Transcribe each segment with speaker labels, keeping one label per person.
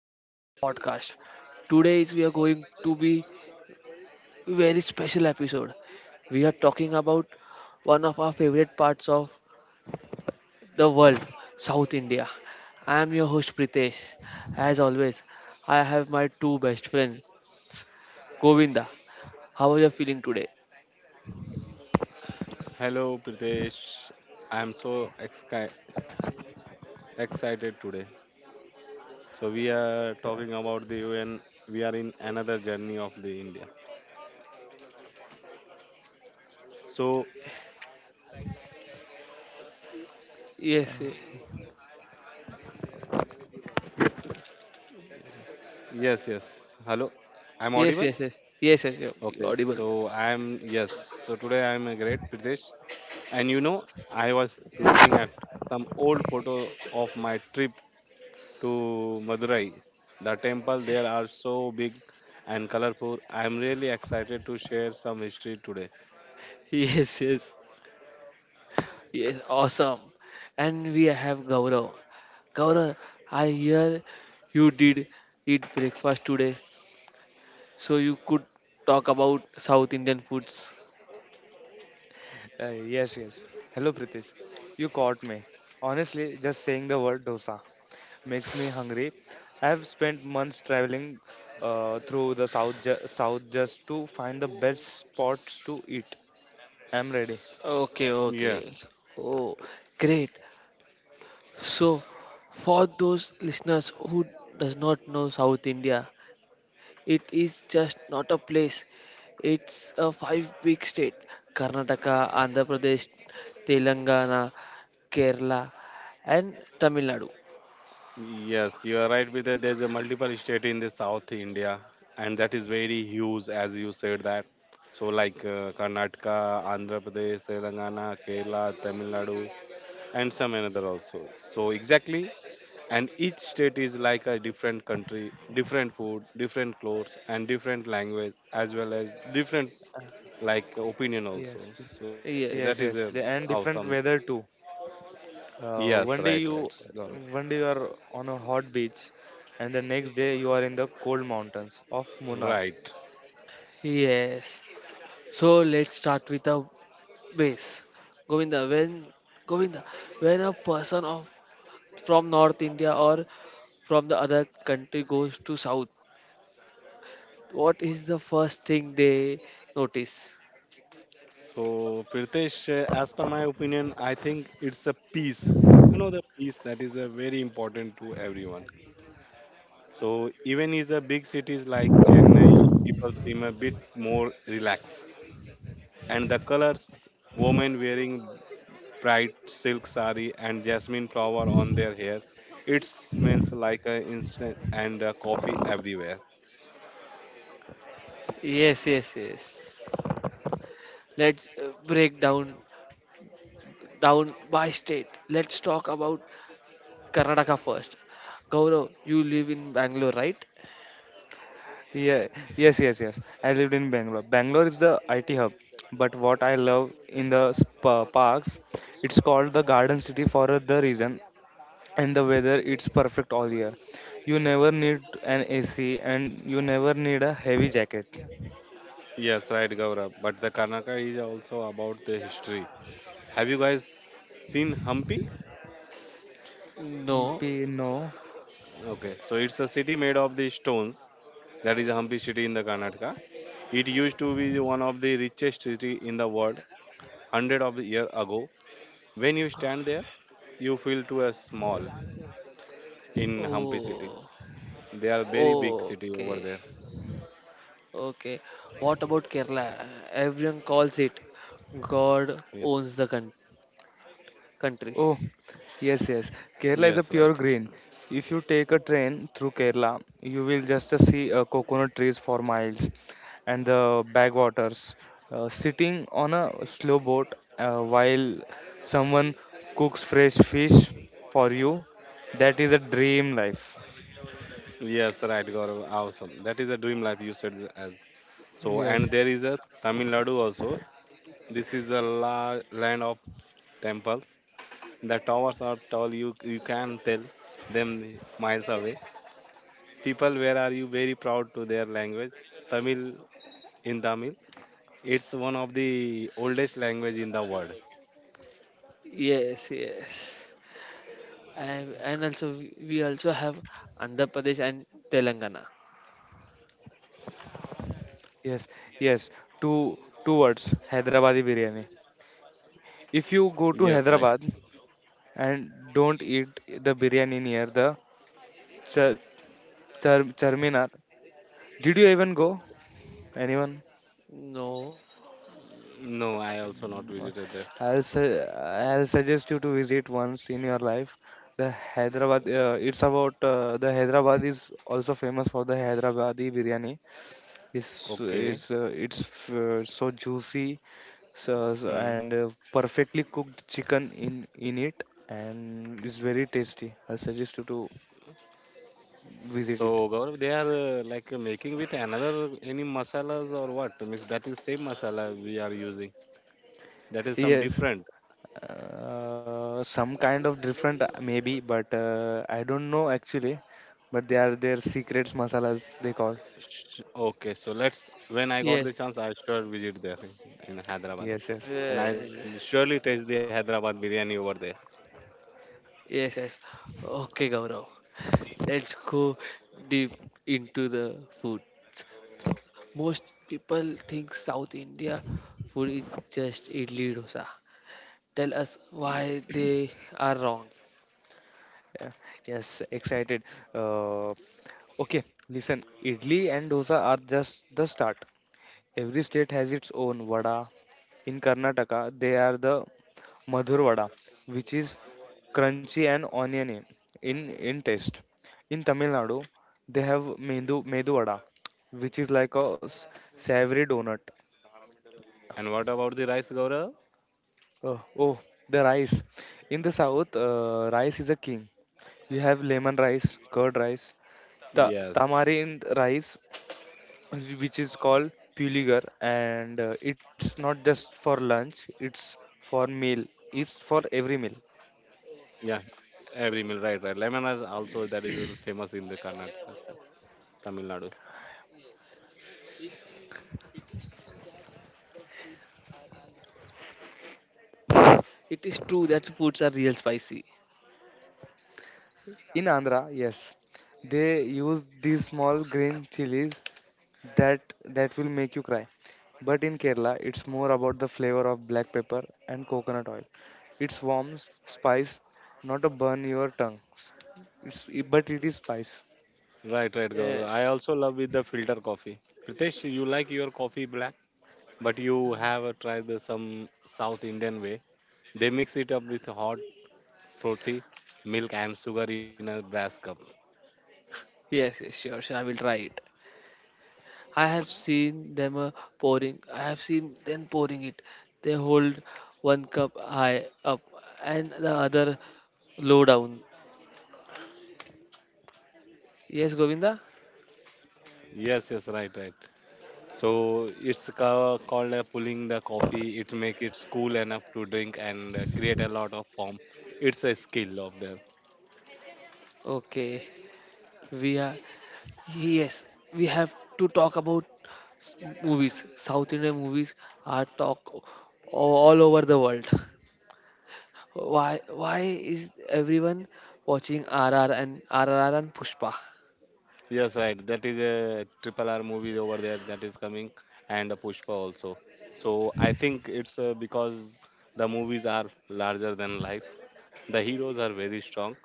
Speaker 1: back to our podcast. Today is we are going to be very special episode. We are talking about one of our favorite parts of the world, South India. I am your host Pritesh. As always, I have my two best friends, Govinda. How are you feeling today?
Speaker 2: Hello, Pritesh. I'm so exci- ex- excited today. So we are talking about the UN. We are in another journey of the India. So
Speaker 3: Uh,
Speaker 1: Yes,
Speaker 2: yes. Hello, I'm
Speaker 1: yes,
Speaker 2: audible.
Speaker 1: yes, yes, yes, yes, yes, you're
Speaker 2: Okay.
Speaker 1: audible.
Speaker 2: So I'm yes. So today I'm a great Pritesh. And I was looking at some old photo of my trip to Madurai. The temple there are so big and colorful. I'm really excited to share some history today.
Speaker 1: Yes, yes, yes, awesome. And we have Gaurav. Gaurav, I hear you did eat breakfast today, so you could talk about South Indian foods.
Speaker 3: yes, yes. Hello, Pritesh. You caught me. Honestly, just saying the word dosa makes me hungry. I have spent months traveling through the south, south just to find the best spots to eat. I'm ready.
Speaker 1: Okay, okay.
Speaker 2: Yes,
Speaker 1: Oh, great. So, for those listeners who does not know South India, it is just not a place. It's a five big state: Karnataka, Andhra Pradesh, Telangana, Kerala, and Tamil Nadu.
Speaker 2: yes, you are right with that. There's a multiple state in the South India, and that is very huge, as you said that. So like Karnataka, Andhra Pradesh, Telangana, Kerala, Tamil Nadu, and some another also. So exactly, and each state is like a different country, different food, different clothes, and different language, as well as different
Speaker 3: Uh,
Speaker 2: like opinion
Speaker 3: yes,
Speaker 2: also. So that is
Speaker 3: yes, yes.
Speaker 1: Yes.
Speaker 3: And
Speaker 2: awesome.
Speaker 3: different weather too.
Speaker 2: Yes,
Speaker 3: Uh,
Speaker 2: right,
Speaker 3: one day
Speaker 2: right,
Speaker 3: you,
Speaker 2: Gaurav.
Speaker 3: one day you are on a hot beach, and the next day you are in the cold mountains of Munnar.
Speaker 2: Right.
Speaker 1: Yes. So let's start with a base. Govinda, when Govinda, when a person of from North India or from the other country goes to South, what is the first thing they notice?
Speaker 2: So, Pritesh, as per my opinion, I think it's a peace. The peace that is a very important to everyone. So, even in the big cities like Chennai, people seem a bit more relaxed. And the colors, women wearing bright silk sari and jasmine flower on their hair, it smells like a instant and a coffee everywhere.
Speaker 1: Yes, yes, yes. Let's break down by state. Let's talk about Karnataka first. Gaurav, you live in Bangalore, right?
Speaker 3: Yeah, yes, yes, yes. I lived in Bangalore. Bangalore is the IT hub, but what I love in the spa parks, it's called the Garden City for the reason, and the weather it's perfect all year. You never need an AC, and you never need a heavy jacket.
Speaker 2: Yes, right, Gaurav. But the Karnataka is also about the history. Have you guys seen Hampi?
Speaker 1: No.
Speaker 3: No.
Speaker 2: Okay, so it's a city made of the stones. That is Hampi city in the Karnataka. It used to be one of the richest city in the world hundred of year ago. When you stand there, you feel to a small in Hampi city.
Speaker 1: Oh,
Speaker 2: They are very big city over
Speaker 1: okay.
Speaker 2: there.
Speaker 1: Okay. What about Kerala? Everyone calls
Speaker 2: Yeah.
Speaker 1: it God owns the country.
Speaker 3: Oh,
Speaker 2: Yes,
Speaker 3: yes,
Speaker 2: right.
Speaker 3: yes. Kerala is a pure green. If you take a train through Kerala, you will just see coconut trees for miles and the backwaters. Sitting on a slow boat while someone cooks fresh fish for you, that is a dream life.
Speaker 2: Yes, right, Gaurav. Awesome. That is a dream life you said as. So,
Speaker 3: Yes,
Speaker 2: and there is a Tamil Nadu also. This is the land of temples. The towers are tall, you can tell them miles away. People, where are you? Very proud to their language. Tamil in Tamil. It's one of the oldest language in the world.
Speaker 1: Yes, yes. And also we also have Andhra Pradesh and Telangana.
Speaker 3: yes, yes. Two words, Hyderabadi biryani. If you go
Speaker 2: Yes,
Speaker 3: to
Speaker 2: right.
Speaker 3: Hyderabad and don't eat the biryani near the ch- Charminar. Did you even go? Anyone?
Speaker 1: No.
Speaker 2: No, I also not
Speaker 3: Mm,
Speaker 2: visited there.
Speaker 3: I'll say I'll suggest you to visit once in your life. The Hyderabad. It's about the Hyderabad is also famous for the Hyderabadi biryani. It's
Speaker 2: Okay.
Speaker 3: it's uh, it's f- uh, so juicy,
Speaker 2: Hmm.
Speaker 3: and perfectly cooked chicken in it, and it's very tasty. I'll suggest you to visit it.
Speaker 2: So, Gaurav, they are like making with another any masalas or what? Means that is same masala we are using. That is some
Speaker 3: Yes.
Speaker 2: different.
Speaker 3: Some kind of different, maybe, but I don't know actually, but they are their secrets masalas they call.
Speaker 2: Okay, so let's when I got the
Speaker 1: Yes.
Speaker 2: chance, I sure visit there in Hyderabad.
Speaker 3: Yes, yes,
Speaker 2: And
Speaker 1: Yes,
Speaker 2: I'll surely taste the Hyderabad biryani over there.
Speaker 1: yes. yes. Okay, Gaurav. Let's go deep into the food. Most people think South India food is just idli dosa. Tell us why they are wrong.
Speaker 3: yeah. Yes, excited. uh, okay, listen, idli and dosa are just the start. Every state has its own vada. In Karnataka, they are the Madhur Vada, which is crunchy and oniony in taste. In Tamil Nadu, they have Medu Vada, which is like a savory donut.
Speaker 2: And what about the rice, Gaurav?
Speaker 3: Oh, oh, the rice. In the south, rice is a king. You have lemon rice, curd rice,
Speaker 2: Yes.
Speaker 3: tamarind rice, which is called puligar, and it's not just for lunch, it's for meal. It's for every meal.
Speaker 2: Yeah, every meal, right, right. Lemon rice also that is famous in the Karnataka, Tamil Nadu.
Speaker 1: It is true that foods are real spicy.
Speaker 3: In Andhra, yes, they use these small green chilies that that will make you cry. But in Kerala, it's more about the flavor of black pepper and coconut oil. It's warm spice, not a burn your tongue. It's but it is spice.
Speaker 2: Right, right,
Speaker 1: Uh,
Speaker 2: Gaurav. I also love with the filter coffee. Pritesh, you like your coffee black, but you have tried some South Indian way. They mix it up with hot, frothy milk and sugar in a brass cup.
Speaker 1: yes, yes, sure, sure. I will try it. I have seen them pouring it. They hold one cup high up and the other low down. Yes, Govinda.
Speaker 2: Yes, yes, right, right. So it's called pulling the coffee. It make it cool enough to drink and create a lot of foam. It's a skill of there.
Speaker 1: Okay, we are. Yes, we have to talk about s- movies. South Indian movies are talk o- all over the world. Why is everyone watching RR and RRR and Pushpa?
Speaker 2: Yes, right. That is a triple R movie over there that is coming, and a Pushpa also. So I think it's because the movies are larger than life. The heroes are very strong,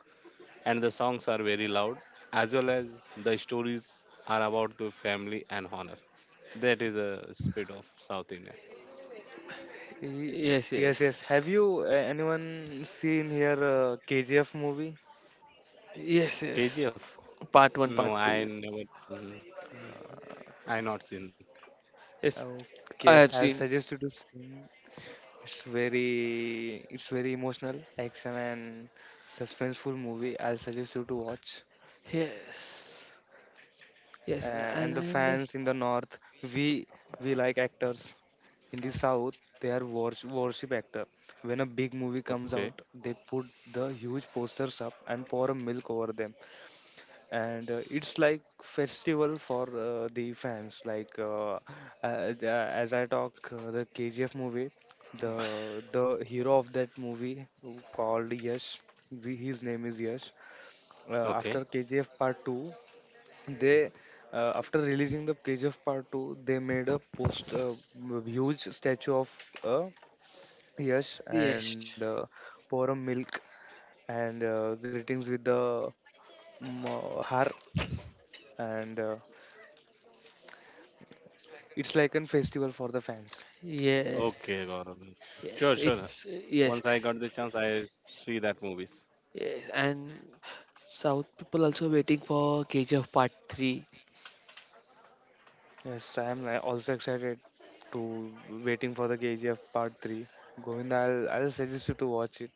Speaker 2: and the songs are very loud, as well as the stories are about the family and honor. That is a spirit of South India.
Speaker 3: Y-
Speaker 1: Yes,
Speaker 3: Yes,
Speaker 1: yes.
Speaker 3: yes. Have you anyone seen here KGF movie?
Speaker 1: Yes, yes.
Speaker 2: KGF.
Speaker 1: Part 1,
Speaker 2: No,
Speaker 1: part
Speaker 2: I
Speaker 1: 2.
Speaker 2: never seen. I not seen.
Speaker 1: Yes, I
Speaker 3: Okay,
Speaker 1: have
Speaker 3: I'll
Speaker 1: seen.
Speaker 3: suggest you to see. It's very emotional, action and suspenseful movie. I'll suggest you to watch.
Speaker 1: Yes.
Speaker 3: Uh,
Speaker 1: Yes,
Speaker 3: and
Speaker 1: and
Speaker 3: the
Speaker 1: and-
Speaker 3: fans in the north, we like actors. In the south, they are worship actor. When a big movie comes out,
Speaker 2: Okay,
Speaker 3: they put the huge posters up and pour a milk over them. And it's like festival for the fans like as I talk the kgf movie. The hero of that movie who called yash, his name is yash. uh, After
Speaker 2: okay,
Speaker 3: KGF part 2, they, after releasing the KGF part 2, they made a post huge statue of uh, yash,
Speaker 1: yes.
Speaker 3: and pour a milk, and greetings with the har, and it's like a festival for the fans.
Speaker 1: Yes.
Speaker 2: okay, Gaurav. Sure,
Speaker 1: Yes,
Speaker 2: sure.
Speaker 1: it's yes.
Speaker 2: Once I got the chance, I see that movies.
Speaker 1: Yes, and South people also waiting for KGF part 3.
Speaker 3: Yes, I am also excited to waiting for the KGF Part Three. Govinda, I'll suggest you to watch it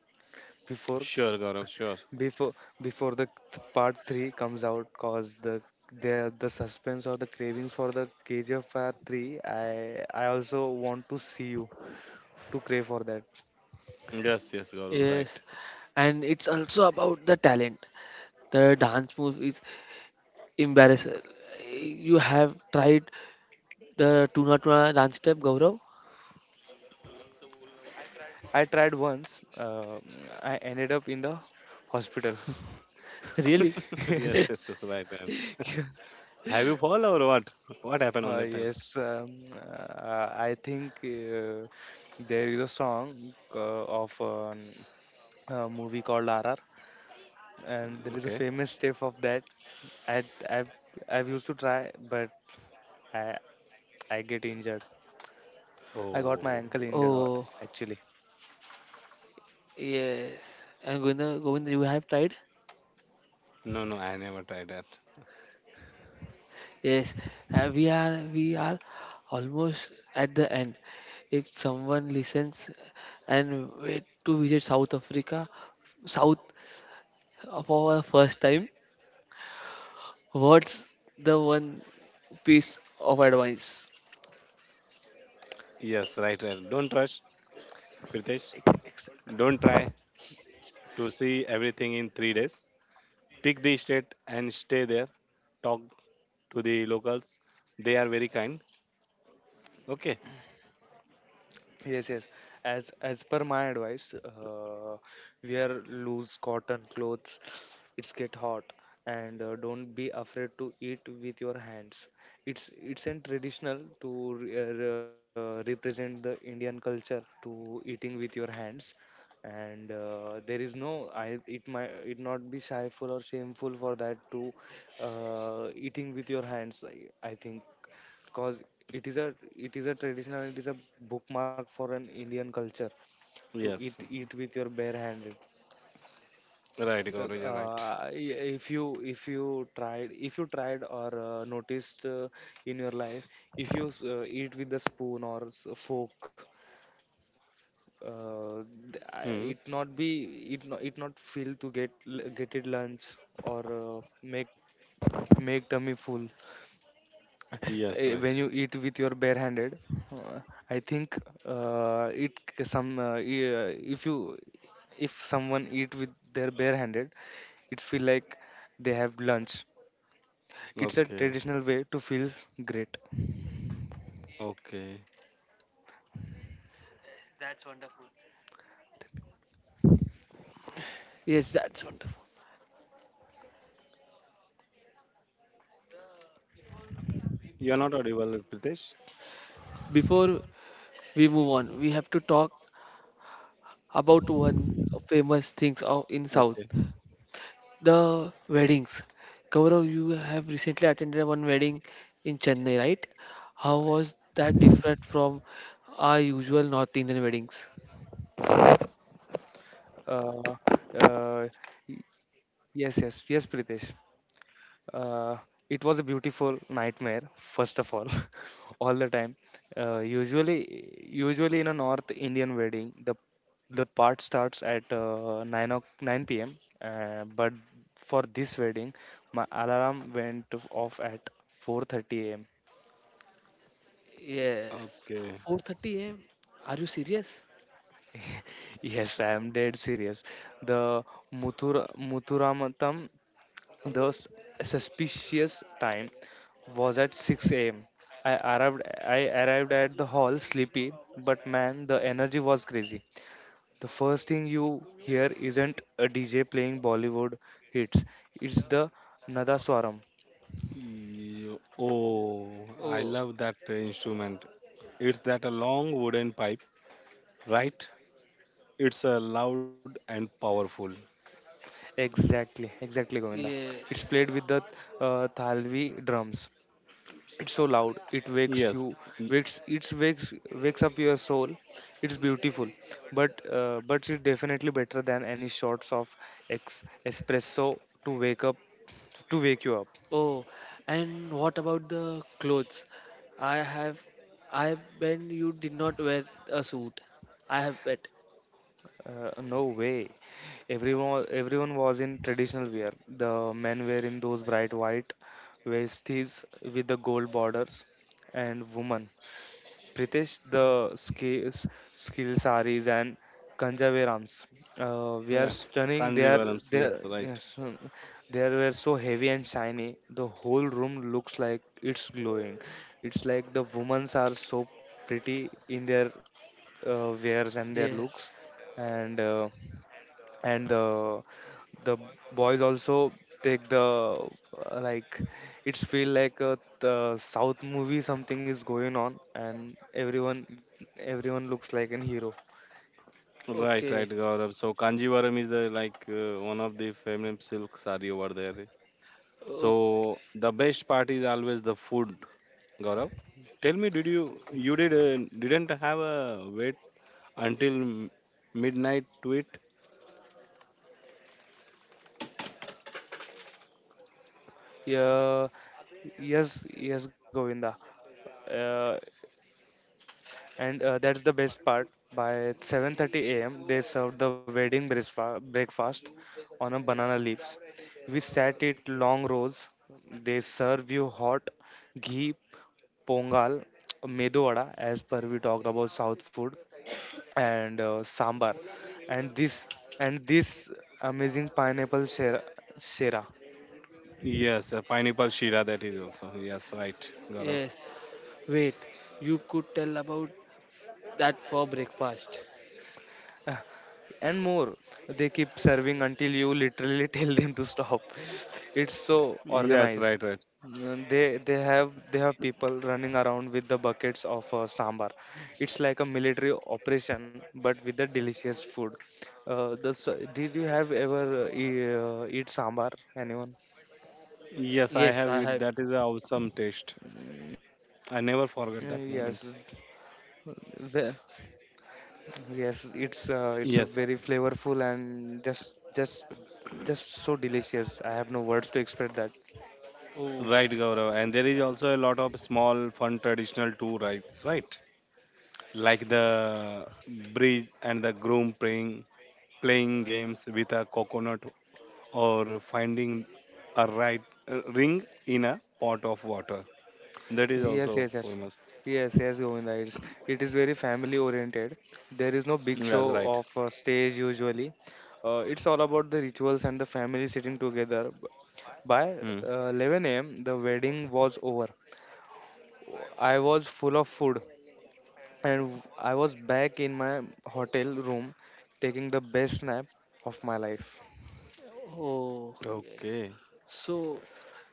Speaker 3: before
Speaker 2: Sure, Gaurav. Sure.
Speaker 3: before before the Part Three comes out, cause the suspense or the cravings for the KGF Part Three. I also want to see you to crave for that.
Speaker 2: Yes, yes, Gaurav.
Speaker 1: Yes.
Speaker 2: Right.
Speaker 1: And it's also about the talent. The dance move is embarrassing. You have tried the tuna tuna dance step, Gaurav?
Speaker 3: I tried once. I ended up in the hospital.
Speaker 1: Really?
Speaker 2: yes, yes, yes.
Speaker 3: yes.
Speaker 2: Right, right. Have you fall or what? What happened on that time?
Speaker 3: Yes, I think there is a song of a movie called RR, and there is
Speaker 2: Okay.
Speaker 3: a famous step of that. I I've I've used to try, but I I get injured. I got
Speaker 2: Oh,
Speaker 3: my ankle injured,
Speaker 1: Oh,
Speaker 3: or actually.
Speaker 1: yes. And Govinda, you have tried?
Speaker 2: no, no. I never tried that.
Speaker 1: Yes. We are almost at the end. If someone listens and wait to visit South for our first time, what's the one piece of advice?
Speaker 2: Yes, right, right. Don't rush, Pritesh. Don't try to see everything in 3 days. Pick the state and stay there. Talk to the locals. They are very kind. Okay.
Speaker 3: Yes, yes. As per my advice, wear loose cotton clothes. It's get hot, and don't be afraid to eat with your hands. It's an traditional to represent the Indian culture to eating with your hands, and there is no I it might it not be shyful or shameful for that to eating with your hands. I think, cause it is a traditional, it is a bookmark for an indian culture to
Speaker 2: Yes.
Speaker 3: eat with your bare hand.
Speaker 2: Right,
Speaker 3: uh,
Speaker 2: Gaurav, you're right.
Speaker 3: if you tried or noticed, in your life, if you eat with a spoon or fork uh,
Speaker 2: Hmm.
Speaker 3: it not be it not feel to get get it lunch, or make tummy full.
Speaker 2: Yes, right.
Speaker 3: When you eat with your bare handed, uh, I think it c- some e- if you if someone eat with their bare handed, it feel like they have lunch. It's a
Speaker 2: Okay.
Speaker 3: traditional way to feel great.
Speaker 2: Okay.
Speaker 1: Yes, that's wonderful.
Speaker 2: You're not audible, Pritesh.
Speaker 1: Before we move on, we have to talk about one famous things of in South.
Speaker 2: Okay.
Speaker 1: The weddings. Gaurav, you have recently attended one wedding in Chennai, right? How was that different from our usual North Indian weddings?
Speaker 3: uh, uh, y- yes, yes, yes, Pritesh. Uh, it was a beautiful nightmare, first of all, all the time. Usually, in a North Indian wedding, the part starts at 9 p.m. But for this wedding, my alarm went off at 4:30 a.m.
Speaker 1: Yes.
Speaker 2: Okay.
Speaker 1: 4:30 a.m.? Are you serious?
Speaker 3: Yes, I am dead serious. The Muthuramatam. The suspicious time was at 6 a.m. I arrived I arrived at the hall sleepy, but man, the energy was crazy. The first thing you hear isn't a DJ playing Bollywood hits. It's the Nada Swaram.
Speaker 2: Oh, I
Speaker 1: Oh,
Speaker 2: love that instrument. It's that a long wooden pipe, right? It's loud and powerful.
Speaker 3: Exactly, Govinda. It's played
Speaker 1: yes.
Speaker 3: with the Thalvi drums. It's so loud, it wakes
Speaker 2: Yes.
Speaker 3: you
Speaker 2: y-
Speaker 3: wakes it wakes wakes up your soul. It's beautiful, but but it's definitely better than any shots of espresso to wake you up.
Speaker 1: Oh, and what about the clothes? I have, I bet you did not wear a suit. I have bet.
Speaker 3: No way. Everyone was in traditional wear. The men were in those bright white vesties with the gold borders, and women, Pritesh, the skill saris and kanjaverams were
Speaker 2: Yeah.
Speaker 3: stunning. They are
Speaker 2: Kanjivarams.
Speaker 3: they
Speaker 2: Yes,
Speaker 3: are-
Speaker 2: right.
Speaker 3: yes, um, they were so heavy and shiny. The whole room looks like it's glowing. It's like the women's are so pretty in their wares and their looks,
Speaker 1: Yes.
Speaker 3: and. Uh, and the boys also take the like it's feel like a the south movie. Something is going on, and everyone looks like an hero.
Speaker 2: Right,
Speaker 1: Okay.
Speaker 2: right, Gaurav. So Kanjivaram is the like one of the feminine silk saree over there.
Speaker 1: Oh,
Speaker 2: So the best part is always the food, Gaurav. Tell me, did you you did didn't have a wait until midnight to eat?
Speaker 3: Yeah yes yes Govinda. Uh, and That's the best part. By 7:30 a.m. they served the wedding breakfast on a banana leaves. We sat it long rows, they serve you hot ghee pongal, medu vada, as per we talked about South food, and sambar, and this amazing pineapple shera.
Speaker 2: Yes, a pineapple shira that is also. Yes, right, Gaurav.
Speaker 1: yes. Wait, you could tell about that for breakfast.
Speaker 3: And more, they keep serving until you literally tell them to stop. It's so
Speaker 2: Yes, right,
Speaker 3: organized.
Speaker 2: right.
Speaker 3: They have people running around with the buckets of sambar. It's like a military operation, but with the delicious food. uh, the, s- did you have ever eat sambar, anyone?
Speaker 2: Yes, I
Speaker 1: Yes,
Speaker 2: have
Speaker 1: I
Speaker 2: it.
Speaker 1: have.
Speaker 2: That is a awesome taste.
Speaker 3: Mm,
Speaker 2: I
Speaker 3: yes.
Speaker 2: never forget that moment.
Speaker 3: Yes, it's a very
Speaker 2: Yes,
Speaker 3: flavorful and just so delicious. I have no words to express that.
Speaker 1: Oh,
Speaker 2: right, Gaurav. And there is also a lot of small, fun traditional too, right? Right, like the bridge and the groom playing games with a coconut or finding a right ring in a pot of water. That is also
Speaker 3: Yes, yes, yes.
Speaker 2: famous.
Speaker 3: Yes, yes, Govinda. It is very family oriented. There is no big
Speaker 2: Yes, right.
Speaker 3: show of stage usually. It's all about the rituals and the family sitting together. B- By
Speaker 2: Hmm.
Speaker 3: uh, 11 a.m., the wedding was over. I was full of food and I was back in my hotel room taking the best nap of my life.
Speaker 2: Okay.
Speaker 1: oh, yes. So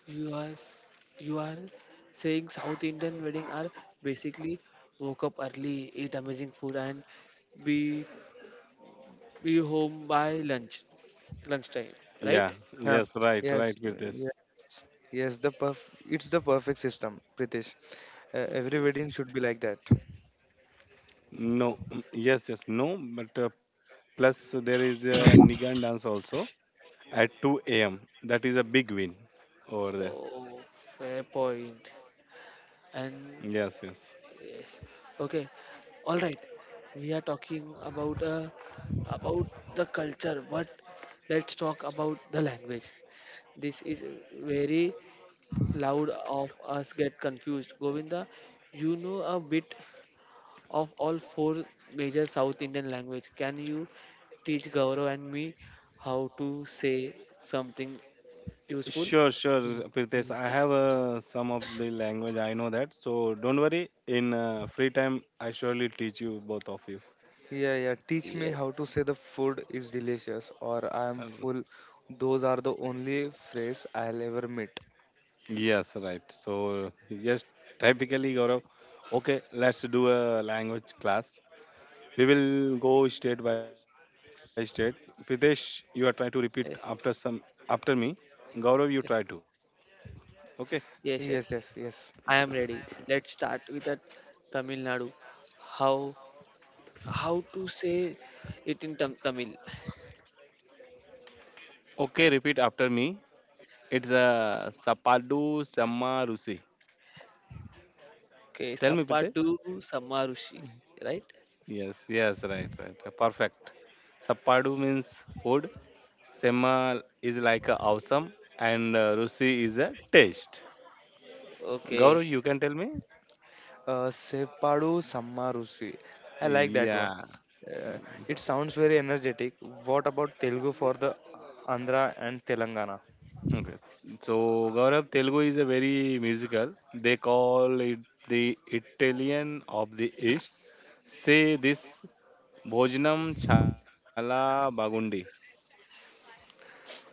Speaker 1: you are s- you are saying South Indian wedding are basically woke up early, eat amazing food, and be be home by lunchtime, right?
Speaker 2: Yeah.
Speaker 3: Uh,
Speaker 2: Yes. Right. Right.
Speaker 3: yes, uh,
Speaker 2: With
Speaker 3: yeah, yes, the perf it's the perfect system, Pritesh. Every
Speaker 1: Okay.
Speaker 3: wedding should be like that.
Speaker 2: no. Yes. Yes. No. But plus there is a Nigan dance also at 2 a.m. That is a big win over there.
Speaker 1: Oh, fair point. And
Speaker 2: Yes. Yes.
Speaker 1: yes. Okay. All right. We are talking about about the culture, but let's talk about the language. This is very loud of us get confused. Govinda, you know a bit of all four major South Indian language. Can you teach Gaurav and me how to say something useful?
Speaker 2: Sure, sure,
Speaker 3: Y-
Speaker 2: Pritesh.
Speaker 3: y-
Speaker 2: I have some of the language. I know that. So don't worry. In free time, I surely teach you both of you.
Speaker 3: Yeah, yeah. Teach me
Speaker 1: Yes.
Speaker 3: how to say the food is delicious or I am
Speaker 2: Uh,
Speaker 3: full. Those are the only phrase I'll ever meet.
Speaker 2: Yes, right. So, yes, typically, Gaurav, okay, let's do a language class. We will go state by state. Pritesh, you are trying to repeat after some
Speaker 1: Yes.
Speaker 2: after me. Gaurav, you try to.
Speaker 1: Yes.
Speaker 2: Okay.
Speaker 3: Yes,
Speaker 1: yes.
Speaker 3: yes, yes.
Speaker 1: I am ready. Let's start with a Tamil Nadu. How how to say it in Tamil.
Speaker 2: Okay, repeat after me. It's a Sapadu Samarusi.
Speaker 1: Okay,
Speaker 2: Tell me, Pritesh.
Speaker 1: Sapadu Samarushi, right?
Speaker 2: Yes, yes, right, right. Perfect. Sapadu means food. Sema is like a awesome, and Rusi is a taste.
Speaker 1: Okay,
Speaker 2: Gaurav, you can tell me.
Speaker 3: Sepadu Sammarusi. I like that one.
Speaker 2: Yeah.
Speaker 3: Uh, it sounds very energetic. What about Telugu for the Andhra and Telangana?
Speaker 2: Okay. So Gaurav, Telugu is a very musical. They call it the Italian of the East. Say this Bhojanam Chala Bagundi.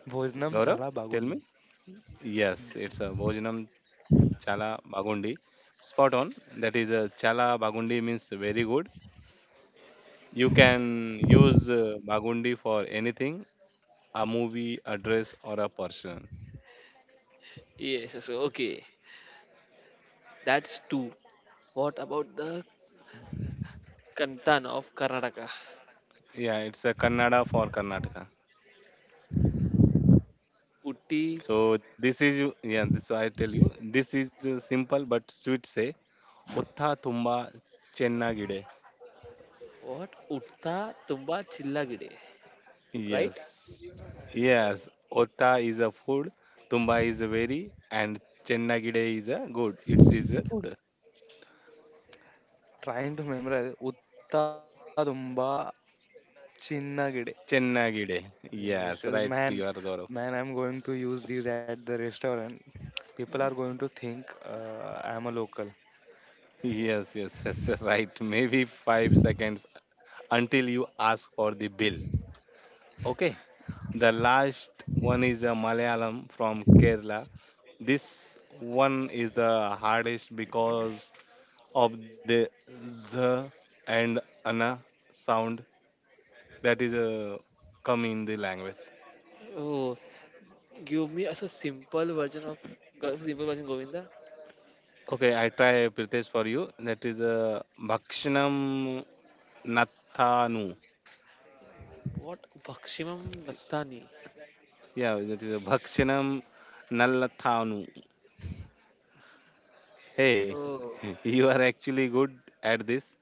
Speaker 2: Gaurav,
Speaker 3: chala
Speaker 2: tell me.
Speaker 3: bagundi.
Speaker 2: Yes, it's a Bhojanam Chala Bagundi. Spot on. That is a Chala Bagundi means very good. You can use Bagundi for anything, a movie, a dress, or a person.
Speaker 1: yes, so okay, that's two. What about the Kantan of Karnataka?
Speaker 2: Yeah, it's a Kannada for Karnataka.
Speaker 1: Utti,
Speaker 2: So this is yeah. This I tell you. This is simple but sweet. Say otta thumba chennagide.
Speaker 1: what? Utta Tumba Chillagide, right?
Speaker 2: Yes, yes. Otta is a food. Thumba is a very and chennagide is a good. It is a good.
Speaker 3: Trying to memorize Uttadumba Chinnagide.
Speaker 2: Chennagide.
Speaker 3: Yes, yes,
Speaker 2: Yes,
Speaker 3: man,
Speaker 2: right. You are Gaurav.
Speaker 3: I'm going to use these at the restaurant. People are going to think I'm a local.
Speaker 2: Yes, yes, yes. Right. Maybe 5 seconds until you ask for the bill. Okay. The last one is a Malayalam from Kerala. This one is the hardest because of the z and ana sound that is come in the language.
Speaker 1: Oh, give me as a simple version of simple version Govinda.
Speaker 2: Okay, I try Pritesh for you. That is a Bhakshanam Nathanu.
Speaker 1: What? Bakshimam Nattani.
Speaker 2: Yeah, that is a Bhakshanam Nallathanu. Hey,
Speaker 1: Oh,
Speaker 2: you are actually good at this.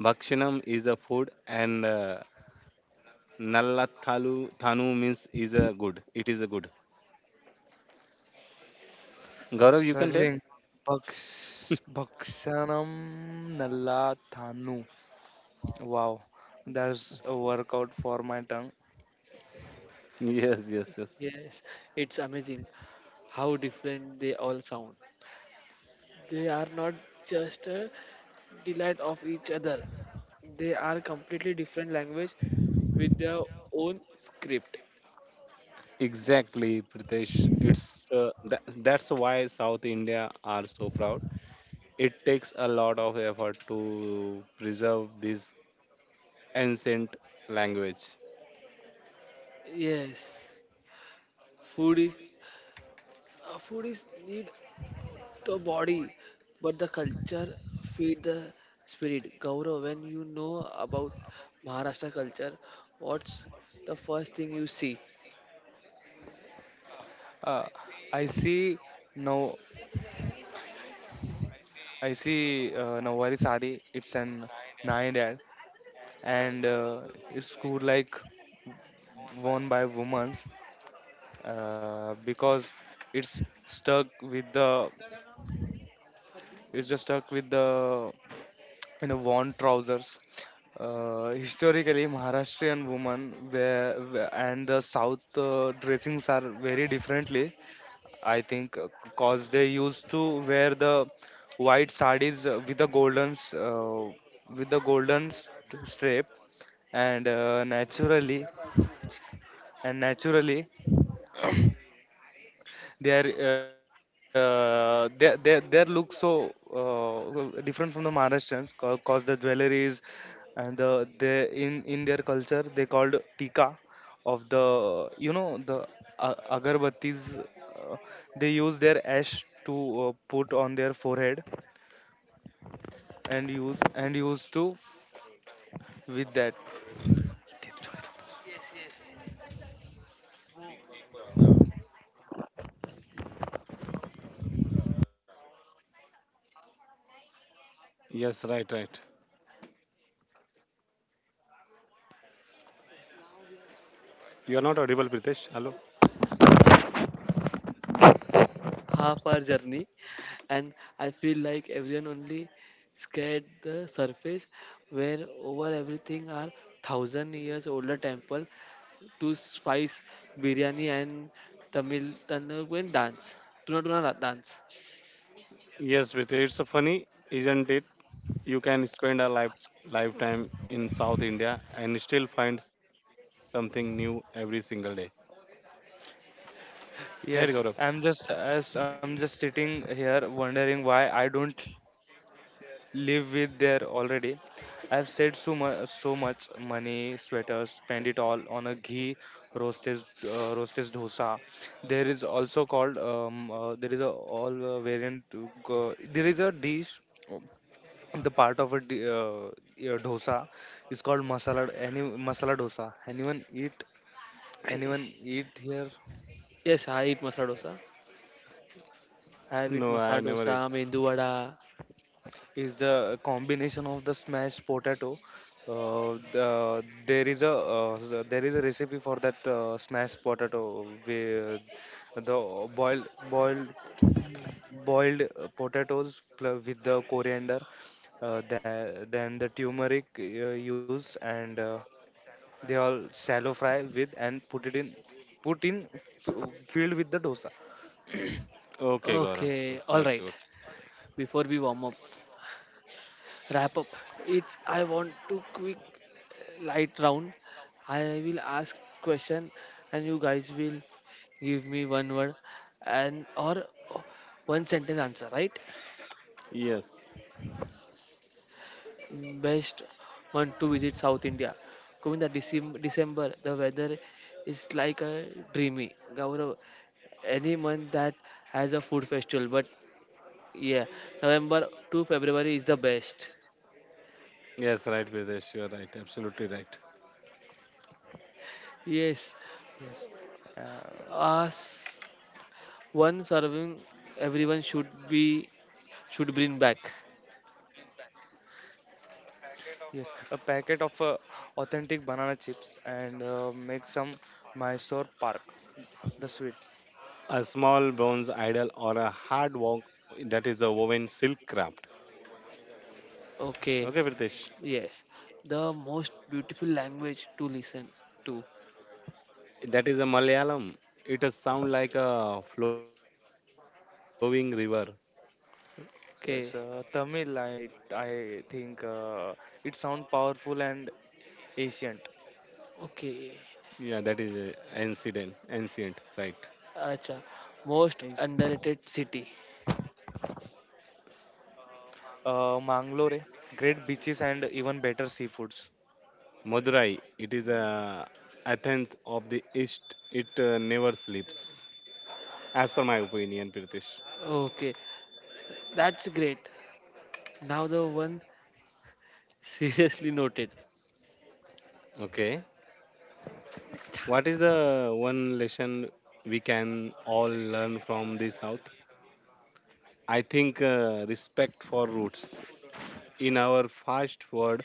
Speaker 2: Bhakshanam is a food and Nalla Thalu Thanu means is a good. It is a good. Gaurav, you can
Speaker 3: Struggling.
Speaker 2: tell.
Speaker 3: Baksanam Nalla Thanu. Wow, that's a workout for my tongue.
Speaker 2: Yes, yes, yes.
Speaker 1: yes, it's amazing how different they all sound. They are not just a delight of each other. They are completely different language with their own script.
Speaker 2: Exactly, Pritesh. It's that's why South India are so proud. It takes a lot of effort to preserve this ancient language.
Speaker 1: Yes, food is food is need to body, but the culture feed the spirit. Gaurav, when you know about Maharashtra culture, what's the first thing you see?
Speaker 3: Uh, I see no, I see Nawari Sari. It's an nine dad, and it's cool like worn by women's because it's stuck with the it's just stuck with the, you know, worn trousers. Historically, maharashtrian women wear, and the south dressings are very differently, I think, because they used to wear the white sarees with the golden strap, and naturally. Their their look so different from the Maharashtrians, cause the jewelries and the they in their culture they called tika of the, the uh, agarbattis. They use their ash to put on their forehead and use to with that.
Speaker 2: Yes, right, right. You are not audible, Pritesh. Hello.
Speaker 1: Half hour journey, and I feel like everyone only scared the surface where over everything are thousand years older temple, to spice biryani and tamil tandoor dance, tuna tuna dance.
Speaker 2: Yes, Pritesh, it's funny, isn't it? You can spend a lifetime in South India and still find something new every single day. Right, Gaurav?
Speaker 3: Yes, I'm just sitting here wondering why I don't live with there already. I've said so much, so much money, sweaters, spend it all on a ghee roasted dosa. There is also called there is a all variant. There is a dish, um, the part of a yeah, dosa is called masala. Any masala dosa. Anyone eat?
Speaker 1: I-
Speaker 3: Anyone eat here?
Speaker 1: yes, I eat masala dosa. I have eat
Speaker 2: No, I
Speaker 1: masala
Speaker 2: never
Speaker 1: dosa
Speaker 2: eat.
Speaker 1: mendu vada.
Speaker 3: Is the combination of the smashed potato. There is a there is a recipe for that smashed potato, where the boiled potatoes with the coriander, then the turmeric use, and they all shallow fry with and put in filled with the dosa.
Speaker 2: Okay, Gaurav.
Speaker 1: Okay, all
Speaker 2: That's good.
Speaker 1: right. before we warm up wrap up. It's I want to quick light round. I will ask question and you guys will give me one word and or one sentence answer, right?
Speaker 2: Yes.
Speaker 1: Best one to visit South India. Govinda, December, the weather is like a dreamy. Gaurav, any month that has a food festival, but yeah, November to February is the best.
Speaker 2: Yes, right, Videsh. You're right. Absolutely right.
Speaker 1: Yes,
Speaker 3: Yes.
Speaker 1: as
Speaker 3: Uh,
Speaker 1: one serving everyone should bring back.
Speaker 3: Yes, a packet of authentic banana chips, and make some Mysore Park, the sweet.
Speaker 2: A small bronze idol or a hard work that is a woven silk craft.
Speaker 1: Okay,
Speaker 2: Okay, Pritesh.
Speaker 1: yes, the most beautiful language to listen to.
Speaker 2: That is a Malayalam. It does sound like a flowing river.
Speaker 1: Okay,
Speaker 3: Yes, Tamil. I think it sounds powerful and ancient.
Speaker 1: okay.
Speaker 2: Yeah, that is ancient. Ancient, right.
Speaker 1: Acha, most underrated
Speaker 3: Ancient.
Speaker 1: city.
Speaker 3: Mangalore, great beaches and even better seafoods.
Speaker 2: Madurai. It is a Athens of the East. It never sleeps. As per my opinion, Pritesh.
Speaker 1: Okay, that's great. Now the one seriously noted.
Speaker 2: Okay. What is the one lesson we can all learn from the South? I think respect for roots. In our fast world,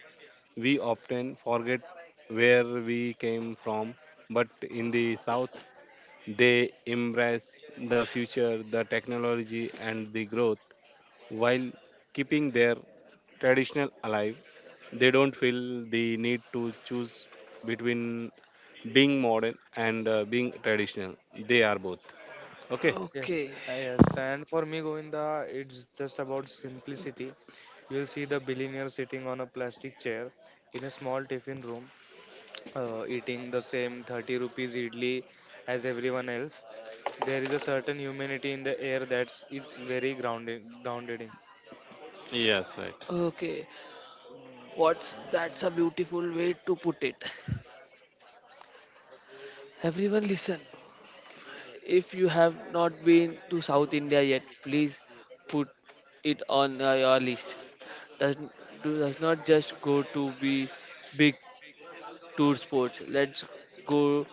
Speaker 2: we often forget where we came from, but in the South, they embrace the future, the technology, and the growth while keeping their traditional alive. They don't feel the need to choose between being modern and being traditional. They are both. Okay.
Speaker 1: Okay,
Speaker 3: Yes, yes. And for me, Govinda, it's just about simplicity. You'll see the billionaire sitting on a plastic chair in a small tiffin room eating the same 30 rupees idli as everyone else. There is a certain humanity in the air that's it's very grounded.
Speaker 2: Yes, right.
Speaker 1: okay. What's that's a beautiful way to put it. Everyone, listen. If you have not been to South India yet, please put it on your list. Does, does not just go to be big tour sports. Let's go.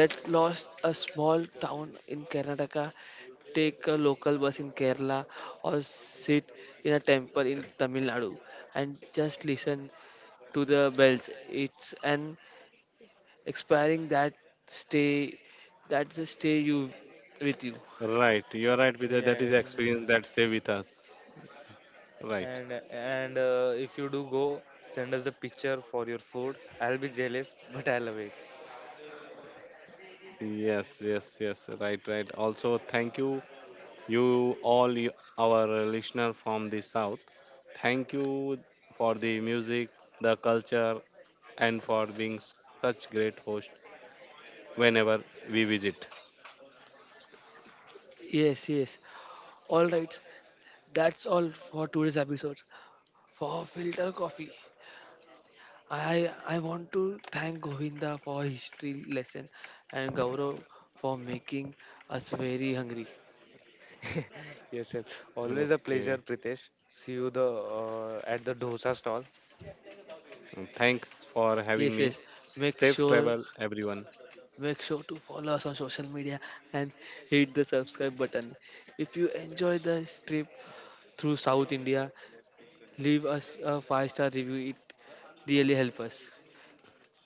Speaker 1: Let's lost a small town in Karnataka. Take a local bus in Kerala or sit in a temple in Tamil Nadu and just listen to the bells. It's an expiring that stay. That's the stay you with you.
Speaker 2: Right. You're right, Vidya. That is experience
Speaker 3: Yeah,
Speaker 2: that
Speaker 3: it
Speaker 2: stay with
Speaker 3: is.
Speaker 2: us. Right.
Speaker 3: And if you do go, send us the picture for your food. I'll be jealous, but I'll wait.
Speaker 2: Yes, yes, yes. Right, right. Also, thank you, you all you, our listener from the South. Thank you for the music, the culture, and for being such great host whenever we visit.
Speaker 1: Yes, yes. All right. That's all for today's episode. For filter coffee. I want to thank Govinda for history lesson and Gaurav for making us very hungry.
Speaker 3: Yes,
Speaker 2: Okay.
Speaker 3: yes. Always a pleasure, Pritesh. See you the at the dosa stall.
Speaker 2: Thanks for having
Speaker 1: Yes,
Speaker 2: me.
Speaker 1: yes. Make
Speaker 2: Safe
Speaker 1: sure
Speaker 2: travel, everyone.
Speaker 1: make sure to follow us on social media and hit the subscribe button. If you enjoy the trip through South India, leave us a 5 star review. It really helps us.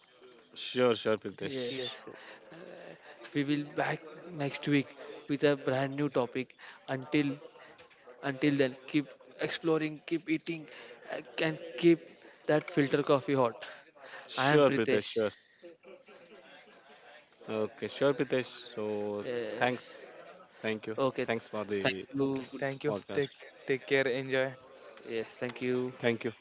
Speaker 2: Sure, sure, Pritesh.
Speaker 1: Yes.
Speaker 3: Yes,
Speaker 1: Uh,
Speaker 3: yes.
Speaker 1: we will back next week with a brand new topic. Until Until then, keep exploring, keep eating, and keep that filter coffee hot. I am
Speaker 2: Sure, Pritesh.
Speaker 1: Pritesh.
Speaker 2: Sure. Okay, sure, Pritesh. So thanks.
Speaker 1: Yes.
Speaker 2: Thank you.
Speaker 1: Okay.
Speaker 2: Thanks for
Speaker 1: Thank
Speaker 2: the
Speaker 1: you.
Speaker 3: Okay,
Speaker 2: podcast.
Speaker 3: thank you. Take care. Enjoy.
Speaker 1: Yes. Thank you.
Speaker 2: Thank you.